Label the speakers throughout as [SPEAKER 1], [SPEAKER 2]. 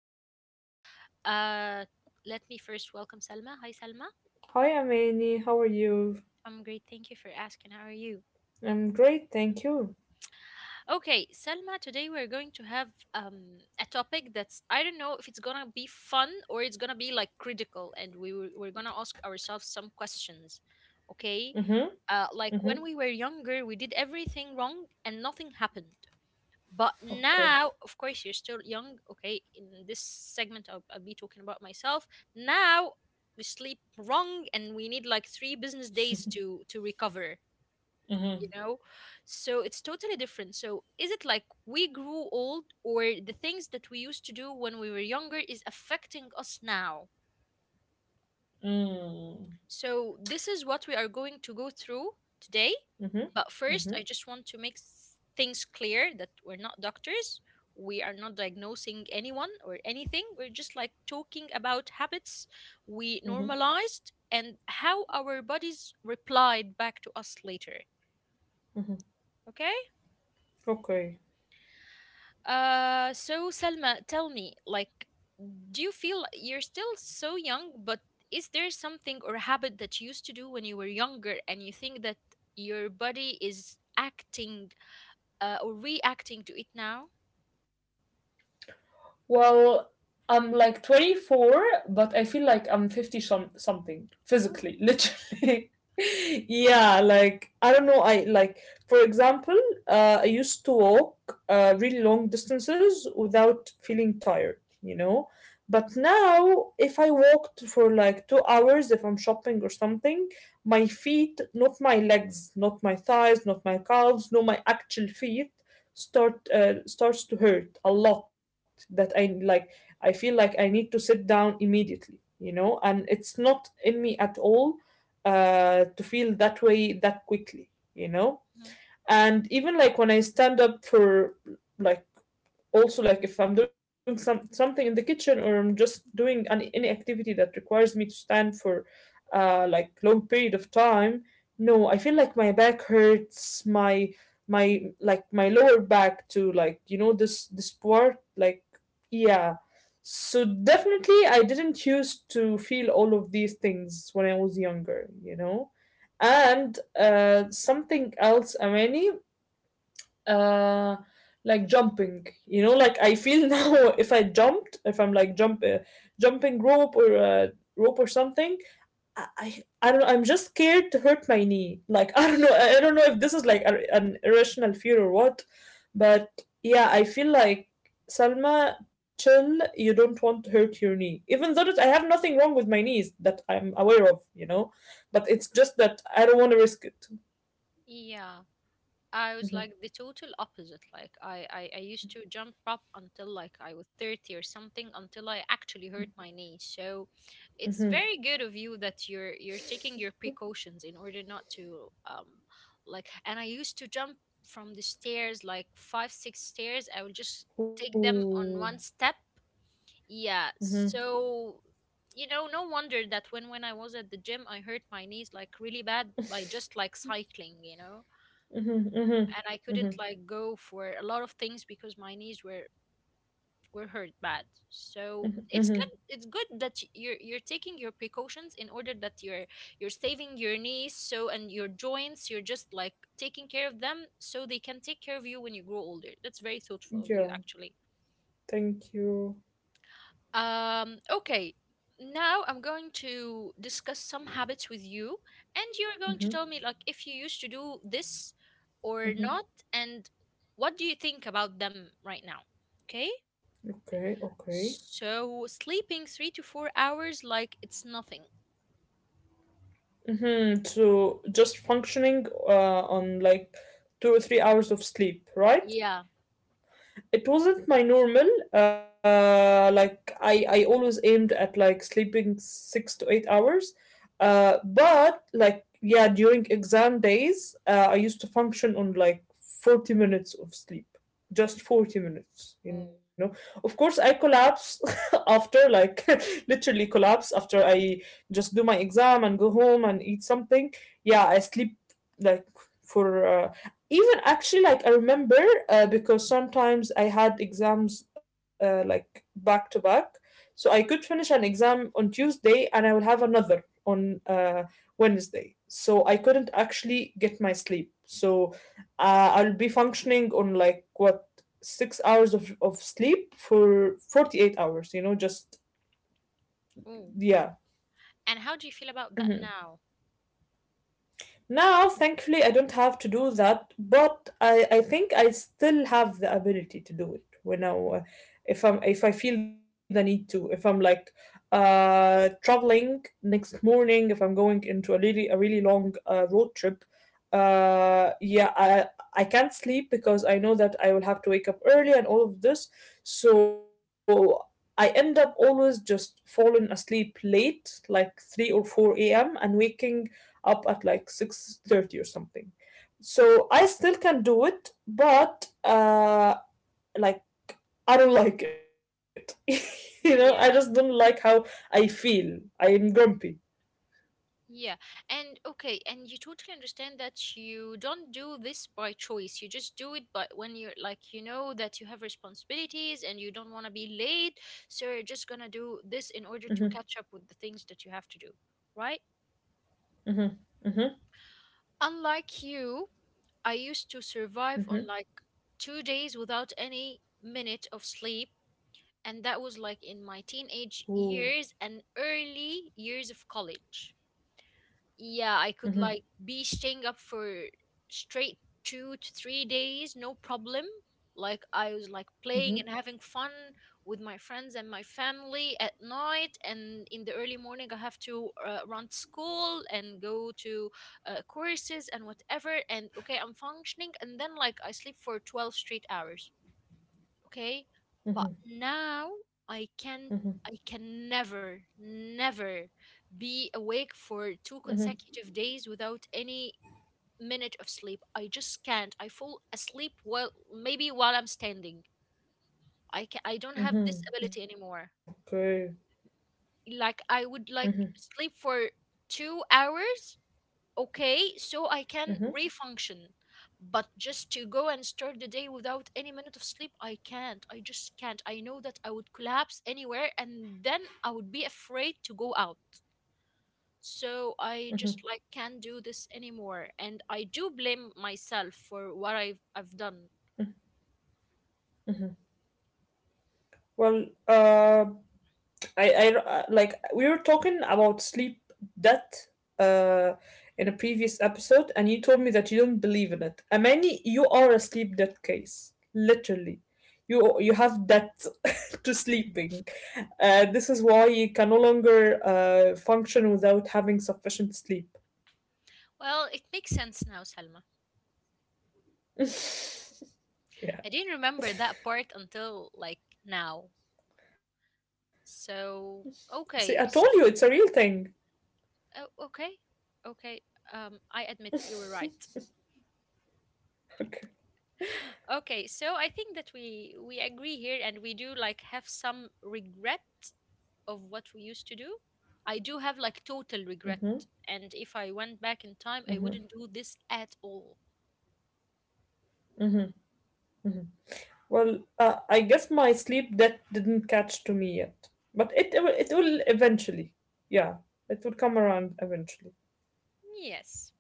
[SPEAKER 1] podcast. Uh, Let me first welcome Salma. Hi, Salma.
[SPEAKER 2] Hi, Amani. How are you?
[SPEAKER 1] I'm great. Thank you for asking. How are you?
[SPEAKER 2] I'm great, thank you.
[SPEAKER 1] Okay, Salma, today we're going to have a topic that's, I don't know if it's gonna be fun or it's gonna be like critical, and we're gonna ask ourselves some questions. Okay?
[SPEAKER 2] Mm-hmm.
[SPEAKER 1] Like
[SPEAKER 2] Mm-hmm.
[SPEAKER 1] when we were younger, we did everything wrong and nothing happened. But
[SPEAKER 2] Okay.
[SPEAKER 1] now, of course, you're still young. Okay, in this segment, I'll be talking about myself. Now we sleep wrong, and we need like three business days to recover.
[SPEAKER 2] Mm-hmm.
[SPEAKER 1] You know, so it's totally different. So is it like we grew old, or the things that we used to do when we were younger is affecting us now?
[SPEAKER 2] Mm-hmm.
[SPEAKER 1] So, this is what we are going to go through today.
[SPEAKER 2] Mm-hmm.
[SPEAKER 1] But first, I
[SPEAKER 2] Mm-hmm.
[SPEAKER 1] just want to things clear that we're not doctors. We are not diagnosing anyone or anything. We're just like talking about habits we
[SPEAKER 2] Mm-hmm.
[SPEAKER 1] normalized and how our bodies replied back to us later.
[SPEAKER 2] mm-hmm.
[SPEAKER 1] Okay?
[SPEAKER 2] Okay.
[SPEAKER 1] So, Selma, tell me, like, do you feel like you're still so young but is there something or habit that you used to do when you were younger and you think that your body is acting or reacting to it now?
[SPEAKER 2] Well, I'm like 24, but I feel like I'm 50 something
[SPEAKER 1] Ooh.
[SPEAKER 2] physically, literally. Yeah, like I don't know. For example, I used to walk really long distances without feeling tired, you know. But now, if I walked for like 2 hours, if I'm shopping or something, my feet, not my legs, not my thighs, not my calves, no, my actual feet, starts to hurt a lot that I feel like I need to sit down immediately, you know, and it's not in me at all to feel that way that quickly, you know.
[SPEAKER 1] Mhm.
[SPEAKER 2] And even like when I stand up for like also like if I'm doing something in the kitchen or I'm just doing any activity that requires me to stand for like long period of time, no, I feel like my back hurts, my, my lower back too, like, you know, this part, like, yeah. So definitely I didn't used to feel all of these things when I was younger, you know. And something else, Amani, uh like jumping, you know. Like I feel now if I jumped, if I'm jumping rope or rope or something. I don't know, I'm just scared to hurt my knee, like I don't know, I don't know if this is like an irrational fear or what. But yeah, I feel like Salma, chill. You don't want to hurt your knee. Even though that I have nothing wrong with my knees that I'm aware of, you know, but it's just that I don't want to risk it.
[SPEAKER 1] Yeah, I was
[SPEAKER 2] Hmm.
[SPEAKER 1] like the total opposite. Like I used to jump up until like I was 30 or something until I actually hurt my knee. So it's
[SPEAKER 2] Hmm.
[SPEAKER 1] very good of you that you're taking your precautions in order not to, um, like, and I used to jump from the stairs like 5, 6 stairs. I would just take them
[SPEAKER 2] Ooh.
[SPEAKER 1] on one step. Yeah.
[SPEAKER 2] Mm-hmm.
[SPEAKER 1] So you know, no wonder that when I was at the gym I hurt my knees like really bad by just like cycling, you know,
[SPEAKER 2] Mhm, mhm,
[SPEAKER 1] and I couldn't
[SPEAKER 2] mhm,
[SPEAKER 1] like go for a lot of things because my knees were hurt bad. So it's good.
[SPEAKER 2] mhm.
[SPEAKER 1] It's good that you're taking your precautions in order that you're saving your knees. So and your joints, you're just like taking care of them so they can take care of you when you grow older. That's very thoughtful of you,
[SPEAKER 2] Yeah,
[SPEAKER 1] actually.
[SPEAKER 2] thank you.
[SPEAKER 1] Okay, now I'm going to discuss some habits with you, and you're going to tell me like if you used to do this or not, and what do you think about them right now? Okay,
[SPEAKER 2] Okay, okay.
[SPEAKER 1] so sleeping 3 to 4 hours like it's nothing.
[SPEAKER 2] Mhm. So just functioning on like 2 or 3 hours of sleep, right?
[SPEAKER 1] Yeah.
[SPEAKER 2] It wasn't my normal. I always aimed at like sleeping 6 to 8 hours, but like yeah, during exam days, I used to function on like 40 minutes of sleep. Just 40 minutes,
[SPEAKER 1] Ooh.
[SPEAKER 2] you know. Of course I collapse. After like literally collapse after I just do my exam and go home and eat something. Yeah, I sleep like for even actually, like I remember, because sometimes I had exams, like back to back, so I could finish an exam on Tuesday and I will have another on Wednesday, so I couldn't actually get my sleep. So I'll be functioning on like what, 6 hours of sleep for 48 hours, you know, just
[SPEAKER 1] Ooh.
[SPEAKER 2] yeah.
[SPEAKER 1] And how do you feel about that now?
[SPEAKER 2] Now, thankfully, I don't have to do that, but I think I still have the ability to do it if I'm, if I feel the need to. If I'm like traveling next morning, if I'm going into a really long road trip, uh, yeah, I can't sleep because I know that I will have to wake up early and all of this. So I end up always just falling asleep late, like 3 or 4 a.m., and waking up at like 6:30 or something. So I still can do it, but like I don't like it. You know, I just don't
[SPEAKER 1] Yeah.
[SPEAKER 2] like how I feel. I'm grumpy.
[SPEAKER 1] Yeah, and okay, and you totally understand that you don't do this by choice. You just do it by when you're like you know that you have responsibilities and you don't want to be late, so you're just gonna do this in
[SPEAKER 2] Mhm.
[SPEAKER 1] order to catch up with the things that you have to do, right?
[SPEAKER 2] Mhm. Mhm.
[SPEAKER 1] Unlike you, I used to survive on
[SPEAKER 2] Mhm.
[SPEAKER 1] like 2 days without any minute of sleep, and that was like in my teenage
[SPEAKER 2] Ooh.
[SPEAKER 1] years and early years of college. Yeah, I could like
[SPEAKER 2] Mhm.
[SPEAKER 1] be staying up for straight 2 to 3 days, no problem. Like I was like playing and
[SPEAKER 2] Mhm.
[SPEAKER 1] having fun with my friends and my family at night, and in the early morning I have to run to school and go to courses and whatever. And okay, I'm functioning, and then like I sleep for 12 straight hours. Okay, but now I can't. I can never be awake for two consecutive days without any minute of sleep. I just can't. I fall asleep while maybe while I'm standing. I don't have this
[SPEAKER 2] Mhm.
[SPEAKER 1] ability anymore.
[SPEAKER 2] Okay.
[SPEAKER 1] Like I
[SPEAKER 2] Mhm.
[SPEAKER 1] would like sleep for 2 hours, okay, so I can
[SPEAKER 2] Mhm.
[SPEAKER 1] refunction. But just to go and start the day without any minute of sleep, I can't. I just can't. I know that I would collapse anywhere and then I would be afraid to go out. So I just like can't do this anymore. And I do blame myself for what I've done.
[SPEAKER 2] Well, I like we were talking about sleep debt uh in a previous episode and you told me that you don't believe in it. Amani, you are a sleep debt case. Literally. You have debt to sleeping. This is why you can no longer function without having sufficient sleep.
[SPEAKER 1] Well, it makes sense now, Salma.
[SPEAKER 2] Yeah.
[SPEAKER 1] I didn't remember that part until like now.
[SPEAKER 2] See,
[SPEAKER 1] So
[SPEAKER 2] I told you it's a
[SPEAKER 1] okay.
[SPEAKER 2] real
[SPEAKER 1] s-
[SPEAKER 2] thing.
[SPEAKER 1] oh, okay. okay. I admit you were right.
[SPEAKER 2] Okay.
[SPEAKER 1] Okay, so I think that we agree here and we do like have some regret of what we used to do. I do have like total regret and if I went back in time I wouldn't do this at all.
[SPEAKER 2] Well, I guess my sleep debt didn't catch to me yet, but it will eventually. Yeah, it will come around eventually.
[SPEAKER 1] Yes.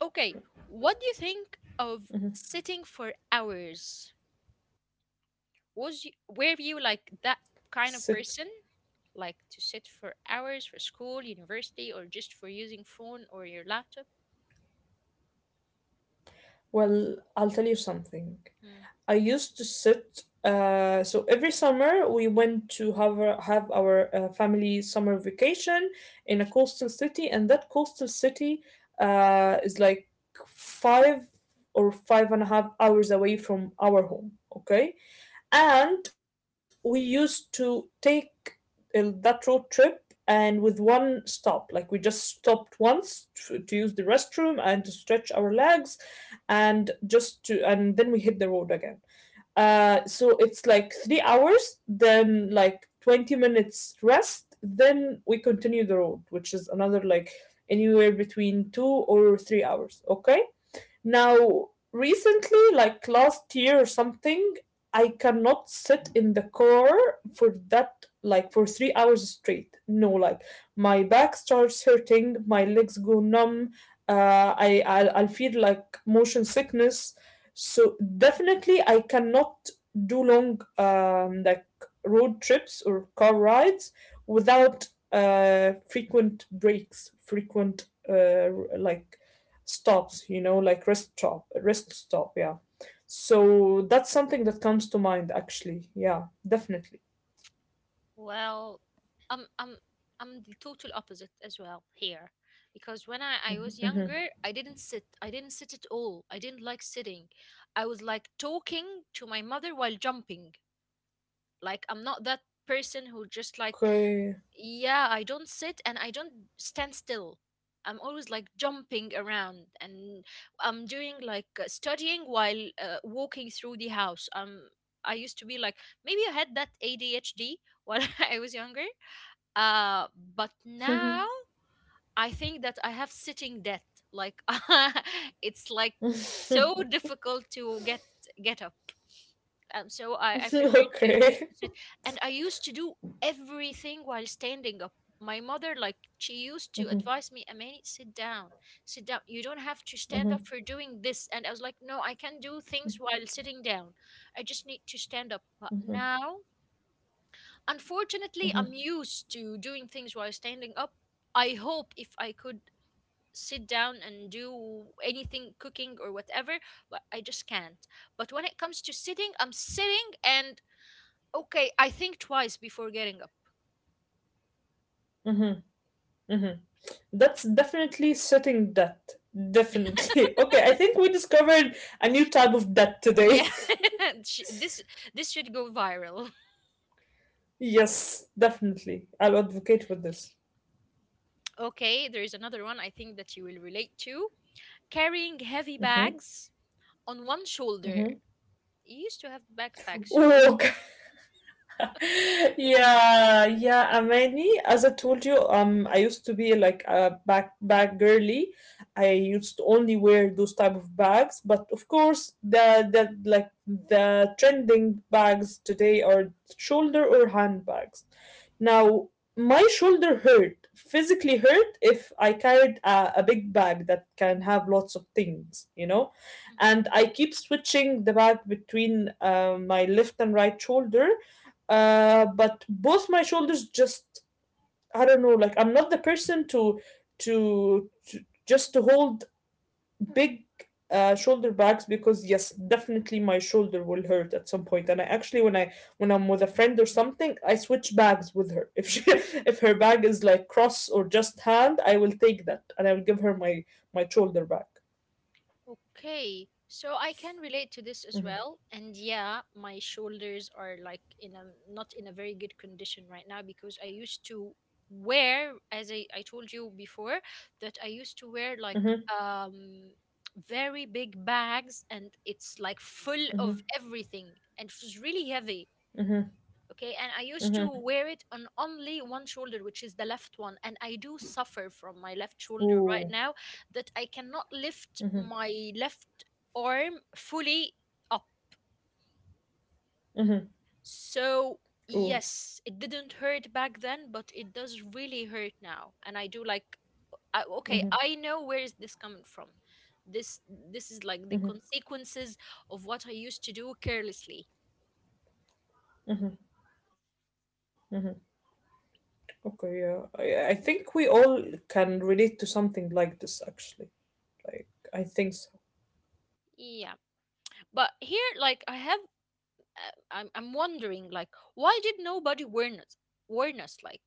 [SPEAKER 1] Okay, what do you think of sitting for hours? Were you like that
[SPEAKER 2] Sit.
[SPEAKER 1] kind of person? Like to sit for hours for school, university or just for using phone or your laptop?
[SPEAKER 2] Well, I'll tell you something. I used to sit. So every summer we went to have our family summer vacation in a coastal city, and that coastal city is like five or five and a half hours away from our home. Okay. And we used to take that road trip and with one stop. Like we just stopped once to use the restroom and to stretch our legs and then we hit the road again. So it's like 3 hours, then like 20 minutes rest, then we continue the road, which is another like anywhere between 2 or 3 hours. Okay. Now, recently, like last year or something, I cannot sit in the car for that, like for 3 hours straight. No, like my back starts hurting, my legs go numb, I'll feel like motion sickness. So definitely, I cannot do long like road trips or car rides without frequent breaks, frequent like stops, you know, like rest stop, rest stop. Yeah, so that's something that comes to mind, actually. Yeah, definitely.
[SPEAKER 1] Well, I'm I'm I'm the total opposite as well here, because I was
[SPEAKER 2] Hmm.
[SPEAKER 1] younger, I didn't sit. I didn't sit at all. I didn't like sitting. I was like talking to my mother while jumping. Like I'm not that person who just like,
[SPEAKER 2] Okay.
[SPEAKER 1] yeah. I don't sit and I don't stand still. I'm always like jumping around and I'm doing like studying while walking through the house. I used to be like maybe I had that ADHD while I was younger. uh but now I think that I have sitting debt, like it's like so difficult to get up. So I prefer
[SPEAKER 2] Okay.
[SPEAKER 1] to sit, and I used to do everything while standing up. My mother, like, she used to
[SPEAKER 2] Hmm.
[SPEAKER 1] advise me, Amani, sit down, sit down, you don't have to stand up
[SPEAKER 2] Hmm.
[SPEAKER 1] for doing this. And I was like, no, I can do things while sitting down. I just need to stand up. But
[SPEAKER 2] Hmm.
[SPEAKER 1] now, unfortunately, I'm used to doing things while standing up. I hope if I could sit down and do anything, cooking or whatever, but I just can't. But when it comes to sitting, I'm sitting and okay, I think twice before getting up.
[SPEAKER 2] Hmm. Hmm. That's definitely setting debt. Definitely. Okay, I think we discovered a new type of debt today.
[SPEAKER 1] Yeah, sh- this should go viral.
[SPEAKER 2] Yes, definitely, I'll advocate for this.
[SPEAKER 1] Okay, there is another one I think that you will relate to. Carrying heavy
[SPEAKER 2] Hmm.
[SPEAKER 1] bags on one shoulder.
[SPEAKER 2] Hmm.
[SPEAKER 1] You used to have backpack, so
[SPEAKER 2] Okay. Yeah, yeah, Amani. As I told you, I used to be like a backpack girly. I used to only wear those type of bags, but of course, the the trending bags today are shoulder or handbags. Now, my shoulder hurt, physically hurt, if I carried a big bag that can have lots of things, you know, and I keep switching the bag between my left and right shoulder, but both my shoulders just, I don't know, like I'm not the person to just to hold big shoulder bags, because yes, definitely my shoulder will hurt at some point. And I actually, when I'm with a friend or something, I switch bags with her if she if her bag is like cross or just hand, I will take that and I will give her my shoulder bag.
[SPEAKER 1] Okay, so I can relate to this as
[SPEAKER 2] Mm-hmm,
[SPEAKER 1] well. And yeah, my shoulders are like in a, not in a very good condition right now because I used to wear, I told you before, that I used to wear like,
[SPEAKER 2] mm-hmm,
[SPEAKER 1] um, very big bags and it's like full
[SPEAKER 2] mm-hmm,
[SPEAKER 1] of everything and it was really heavy. Okay, and I used
[SPEAKER 2] mm-hmm,
[SPEAKER 1] to
[SPEAKER 2] mm-hmm.
[SPEAKER 1] wear it on only one shoulder, which is the left one, and I do suffer from my left shoulder right
[SPEAKER 2] Ooh.
[SPEAKER 1] now, that I cannot lift my left arm fully up.
[SPEAKER 2] Mm-hmm.
[SPEAKER 1] So
[SPEAKER 2] Ooh.
[SPEAKER 1] yes, it didn't hurt back then but it does really hurt now, and I do like, okay,
[SPEAKER 2] Mm-hmm,
[SPEAKER 1] I know where is this coming from. this this is like the
[SPEAKER 2] mm-hmm.
[SPEAKER 1] consequences of what I used to do carelessly.
[SPEAKER 2] Okay, yeah. I think we all can relate to something like this, actually. Like, I think so.
[SPEAKER 1] Yeah, but here like I have, I'm wondering like why did nobody warn us like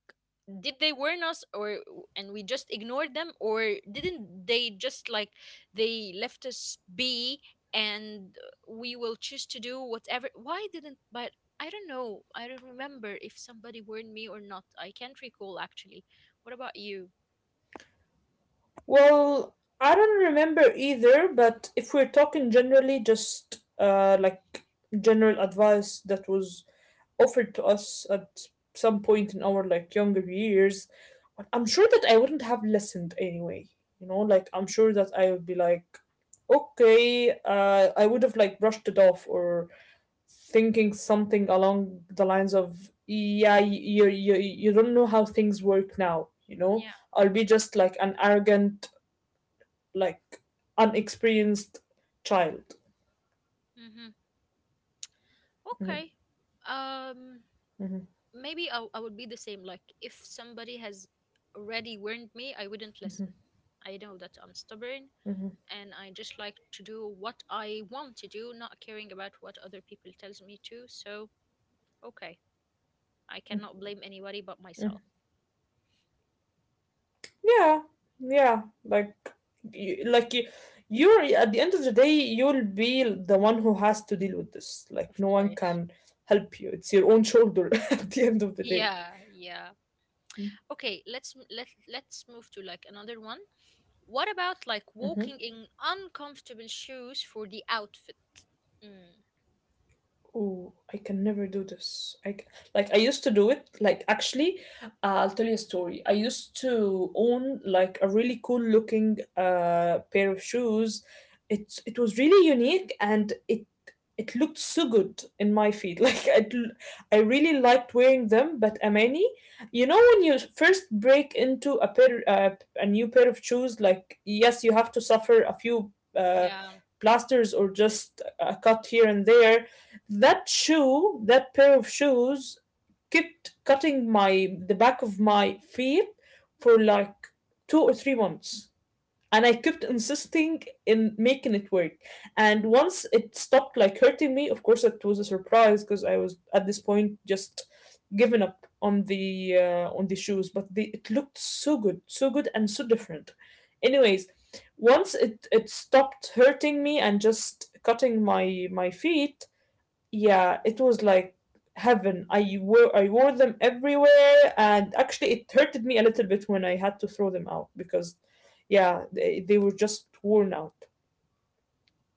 [SPEAKER 1] did they warn us or and we just ignored them or didn't they just like they left us be and we will choose to do whatever, why didn't, but I don't know, I don't remember if somebody warned me or not, I can't recall actually. What about you?
[SPEAKER 2] Well, I don't remember either, but if we're talking generally, just like general advice that was offered to us at some point in our like younger years, I'm sure that I wouldn't have listened anyway. You know, like I'm sure that I would be like, okay, I would have like brushed it off or thinking something along the lines of, yeah, you don't know how things work now, you know.
[SPEAKER 1] Yeah.
[SPEAKER 2] I'll be just like an arrogant, like, unexperienced child.
[SPEAKER 1] Mm-hmm. Okay. um Maybe I would be the same. Like if somebody has already warned me, I wouldn't listen. I know that I'm stubborn and I just like to do what I want to do, not caring about what other people tells me to. So okay, I cannot blame anybody but myself.
[SPEAKER 2] Yeah, yeah. You, like you, you're at the end of the day, you'll be the one who has to deal with this. Like
[SPEAKER 1] Of
[SPEAKER 2] no one
[SPEAKER 1] course.
[SPEAKER 2] can help you. It's your own shoulder. At the end of the day.
[SPEAKER 1] Yeah, yeah. Okay, let's let's move to like another one. What about like
[SPEAKER 2] Mm-hmm.
[SPEAKER 1] walking in uncomfortable shoes for the outfit? Mm,
[SPEAKER 2] Oh, I can never do this. Like I used to do it. Like actually, I'll tell you a story. I used to own like a really cool looking pair of shoes. It was really unique and it looked so good in my feet. Like I really liked wearing them. But Amani, you know when you first break into a new pair of shoes, like yes, you have to suffer a few
[SPEAKER 1] yeah,
[SPEAKER 2] plasters or just a cut here and there. That shoe, that pair of shoes, kept cutting my the back of my feet for like 2 or 3 months. And I kept insisting in making it work. And once it stopped like hurting me, of course it was a surprise because I was at this point just given up on the shoes. But they, it looked so good, so good and so different. Anyways, once it stopped hurting me and just cutting my feet, yeah, it was like heaven. I wore them everywhere, and actually, it hurted me a little bit when I had to throw them out because, yeah, they were just worn out.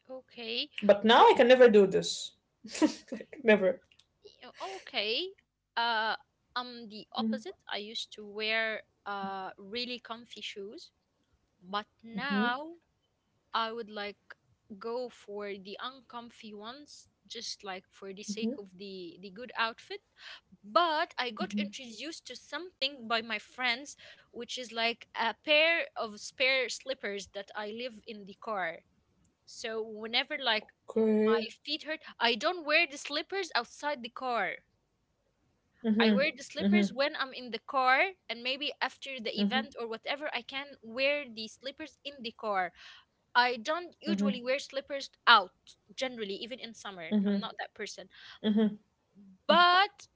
[SPEAKER 1] okay.
[SPEAKER 2] But now I can never do this. Like never.
[SPEAKER 1] Yeah, okay. Uh,
[SPEAKER 2] Mm-hmm,
[SPEAKER 1] I'm the opposite. I used to wear really comfy shoes, but
[SPEAKER 2] mm-hmm,
[SPEAKER 1] now I would like go for the uncomfy ones just like for the sake of the good outfit. But I got
[SPEAKER 2] mm-hmm.
[SPEAKER 1] introduced to something by my friends, which is like a pair of spare slippers that I leave in the car. So whenever like my
[SPEAKER 2] Okay.
[SPEAKER 1] feet hurt, I don't wear the slippers outside the car. I
[SPEAKER 2] Mm-hmm,
[SPEAKER 1] wear the
[SPEAKER 2] mm-hmm,
[SPEAKER 1] slippers when I'm in the car, and maybe after the
[SPEAKER 2] mm-hmm,
[SPEAKER 1] event or whatever, I can wear the slippers in the car. I don't
[SPEAKER 2] mm-hmm,
[SPEAKER 1] usually wear slippers out, generally, even in summer. I'm
[SPEAKER 2] mm-hmm.
[SPEAKER 1] not that person. But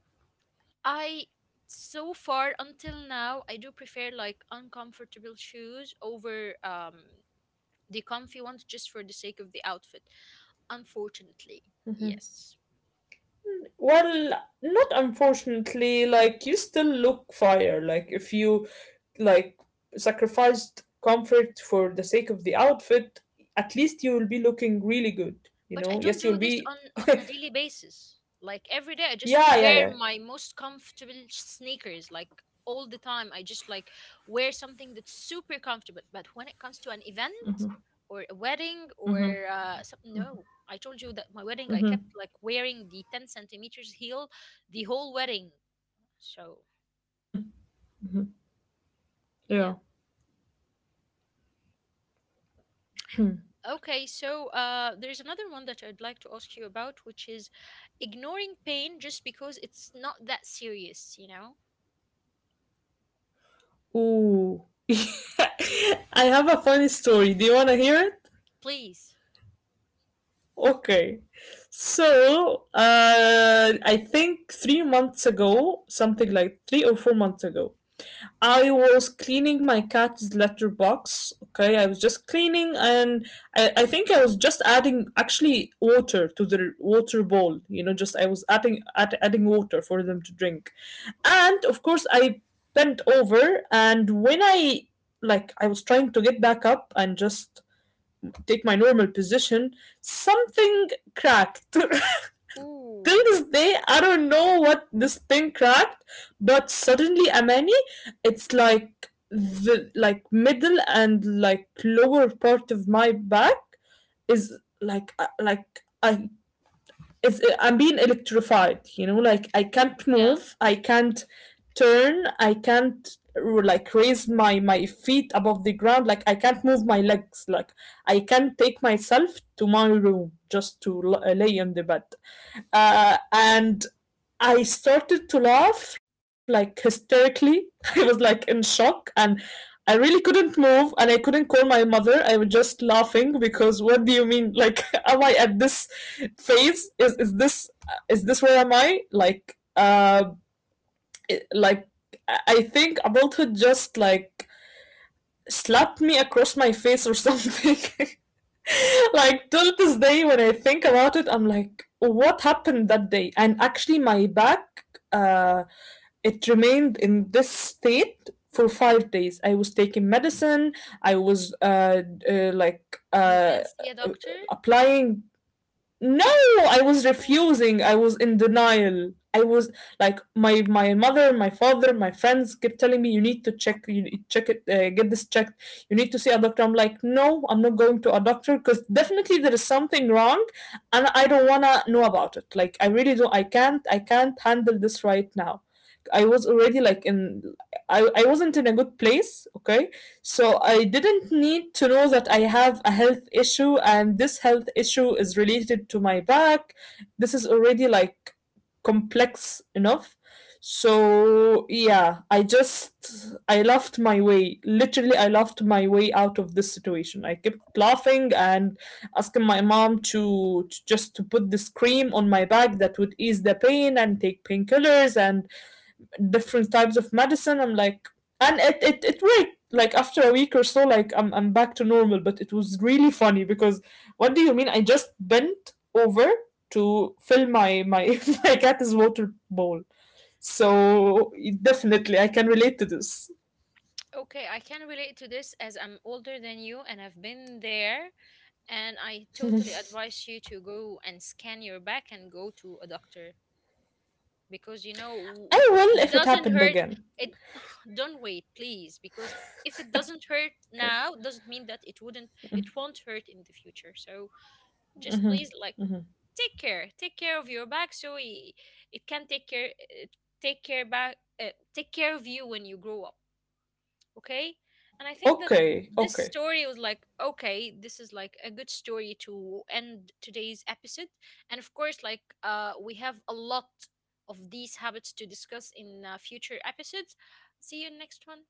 [SPEAKER 1] I, so far until now, I do prefer like uncomfortable shoes over, the comfy ones just for the sake of the outfit, unfortunately. Yes.
[SPEAKER 2] Well, not unfortunately, like you still look fire. Like if you like sacrificed comfort for the sake of the outfit, at least you will be looking really good, you
[SPEAKER 1] But I
[SPEAKER 2] know?
[SPEAKER 1] don't
[SPEAKER 2] Yes, you'll
[SPEAKER 1] do this
[SPEAKER 2] be
[SPEAKER 1] on a daily basis. Like every day, I just
[SPEAKER 2] Yeah, yeah,
[SPEAKER 1] wear
[SPEAKER 2] yeah.
[SPEAKER 1] my most comfortable sneakers. Like all the time, I just like wear something that's super comfortable. But when it comes to an event or a wedding or
[SPEAKER 2] Mm-hmm.
[SPEAKER 1] no, I told you that my wedding, I
[SPEAKER 2] Mm-hmm.
[SPEAKER 1] kept like wearing the 10 centimeters heel the whole wedding. So
[SPEAKER 2] Mm-hmm.
[SPEAKER 1] yeah.
[SPEAKER 2] Yeah.
[SPEAKER 1] Okay, so, there's another one that I'd like to ask you about, which is ignoring pain just because it's not that serious, you know?
[SPEAKER 2] Ooh. I have a funny story. Do you wanna hear it?
[SPEAKER 1] Please.
[SPEAKER 2] Okay. So, I think 3 months ago, something like 3 or 4 months ago, I was cleaning my cat's litter box. Okay, I was just cleaning, and I think I was just adding actually water to the water bowl. You know, just I was adding water for them to drink, and of course I bent over, and when I like I was trying to get back up and just take my normal position, something cracked. Till
[SPEAKER 1] Ooh.
[SPEAKER 2] this day I don't know what this thing cracked, but suddenly, Amani, it's like middle and like lower part of my back is like, like I it's, I'm being electrified, you know, like I can't
[SPEAKER 1] Yeah.
[SPEAKER 2] move, I can't turn, I can't r- like raise my feet above the ground, like I can't move my legs, like I can't take myself to my room just to lay on the bed. And I started to laugh like hysterically. I was like in shock and I really couldn't move and I couldn't call my mother. I was just laughing because, what do you mean? Like, am I at this phase? Is this where am I? Like, like I think adulthood just like slapped me across my face or something. Like till this day when I think about it, I'm like, what happened that day? And actually my back, uh it remained in this state for 5 days. I was taking medicine, I was uh like
[SPEAKER 1] You
[SPEAKER 2] uh
[SPEAKER 1] didn't see a doctor?
[SPEAKER 2] applying. No, I was
[SPEAKER 1] Oh,
[SPEAKER 2] refusing. I was in denial. I was like, my mother, my father, my friends kept telling me, you need to check, check it, get this checked. You need to see a doctor. I'm like, "No, I'm not going to a doctor because definitely there is something wrong and I don't want to know about it. Like I really don't, I can't handle this right now." I was already like in, I wasn't in a good place, okay? So I didn't need to know that I have a health issue and this health issue is related to my back. This is already like complex enough. So yeah, I laughed my way. Literally I laughed my way out of this situation. I kept laughing and asking my mom to just to put this cream on my back that would ease the pain and take painkillers and different types of medicine. I'm like, and it worked. Like after a week or so, like I'm back to normal. But it was really funny because, what do you mean? I just bent over to fill my my my cat's water bowl. So definitely, I can relate to this.
[SPEAKER 1] okay, I can relate to this as I'm older than you and I've been there. And I totally advise you to go and scan your back and go to a doctor because you know
[SPEAKER 2] I will
[SPEAKER 1] it
[SPEAKER 2] if it
[SPEAKER 1] doesn't
[SPEAKER 2] happened
[SPEAKER 1] hurt.
[SPEAKER 2] again.
[SPEAKER 1] It don't wait, please, because if it doesn't hurt
[SPEAKER 2] Okay,
[SPEAKER 1] now, doesn't mean that it wouldn't, it won't hurt in the future. So just please, like, take care of your back so it can take care, take care back take care of you when you grow up. Okay, and I think that
[SPEAKER 2] okay,
[SPEAKER 1] this
[SPEAKER 2] okay.
[SPEAKER 1] story was like, okay, this is like a good story to end today's episode. And of course like we have a lot of these habits to discuss in future episodes. See you in next one.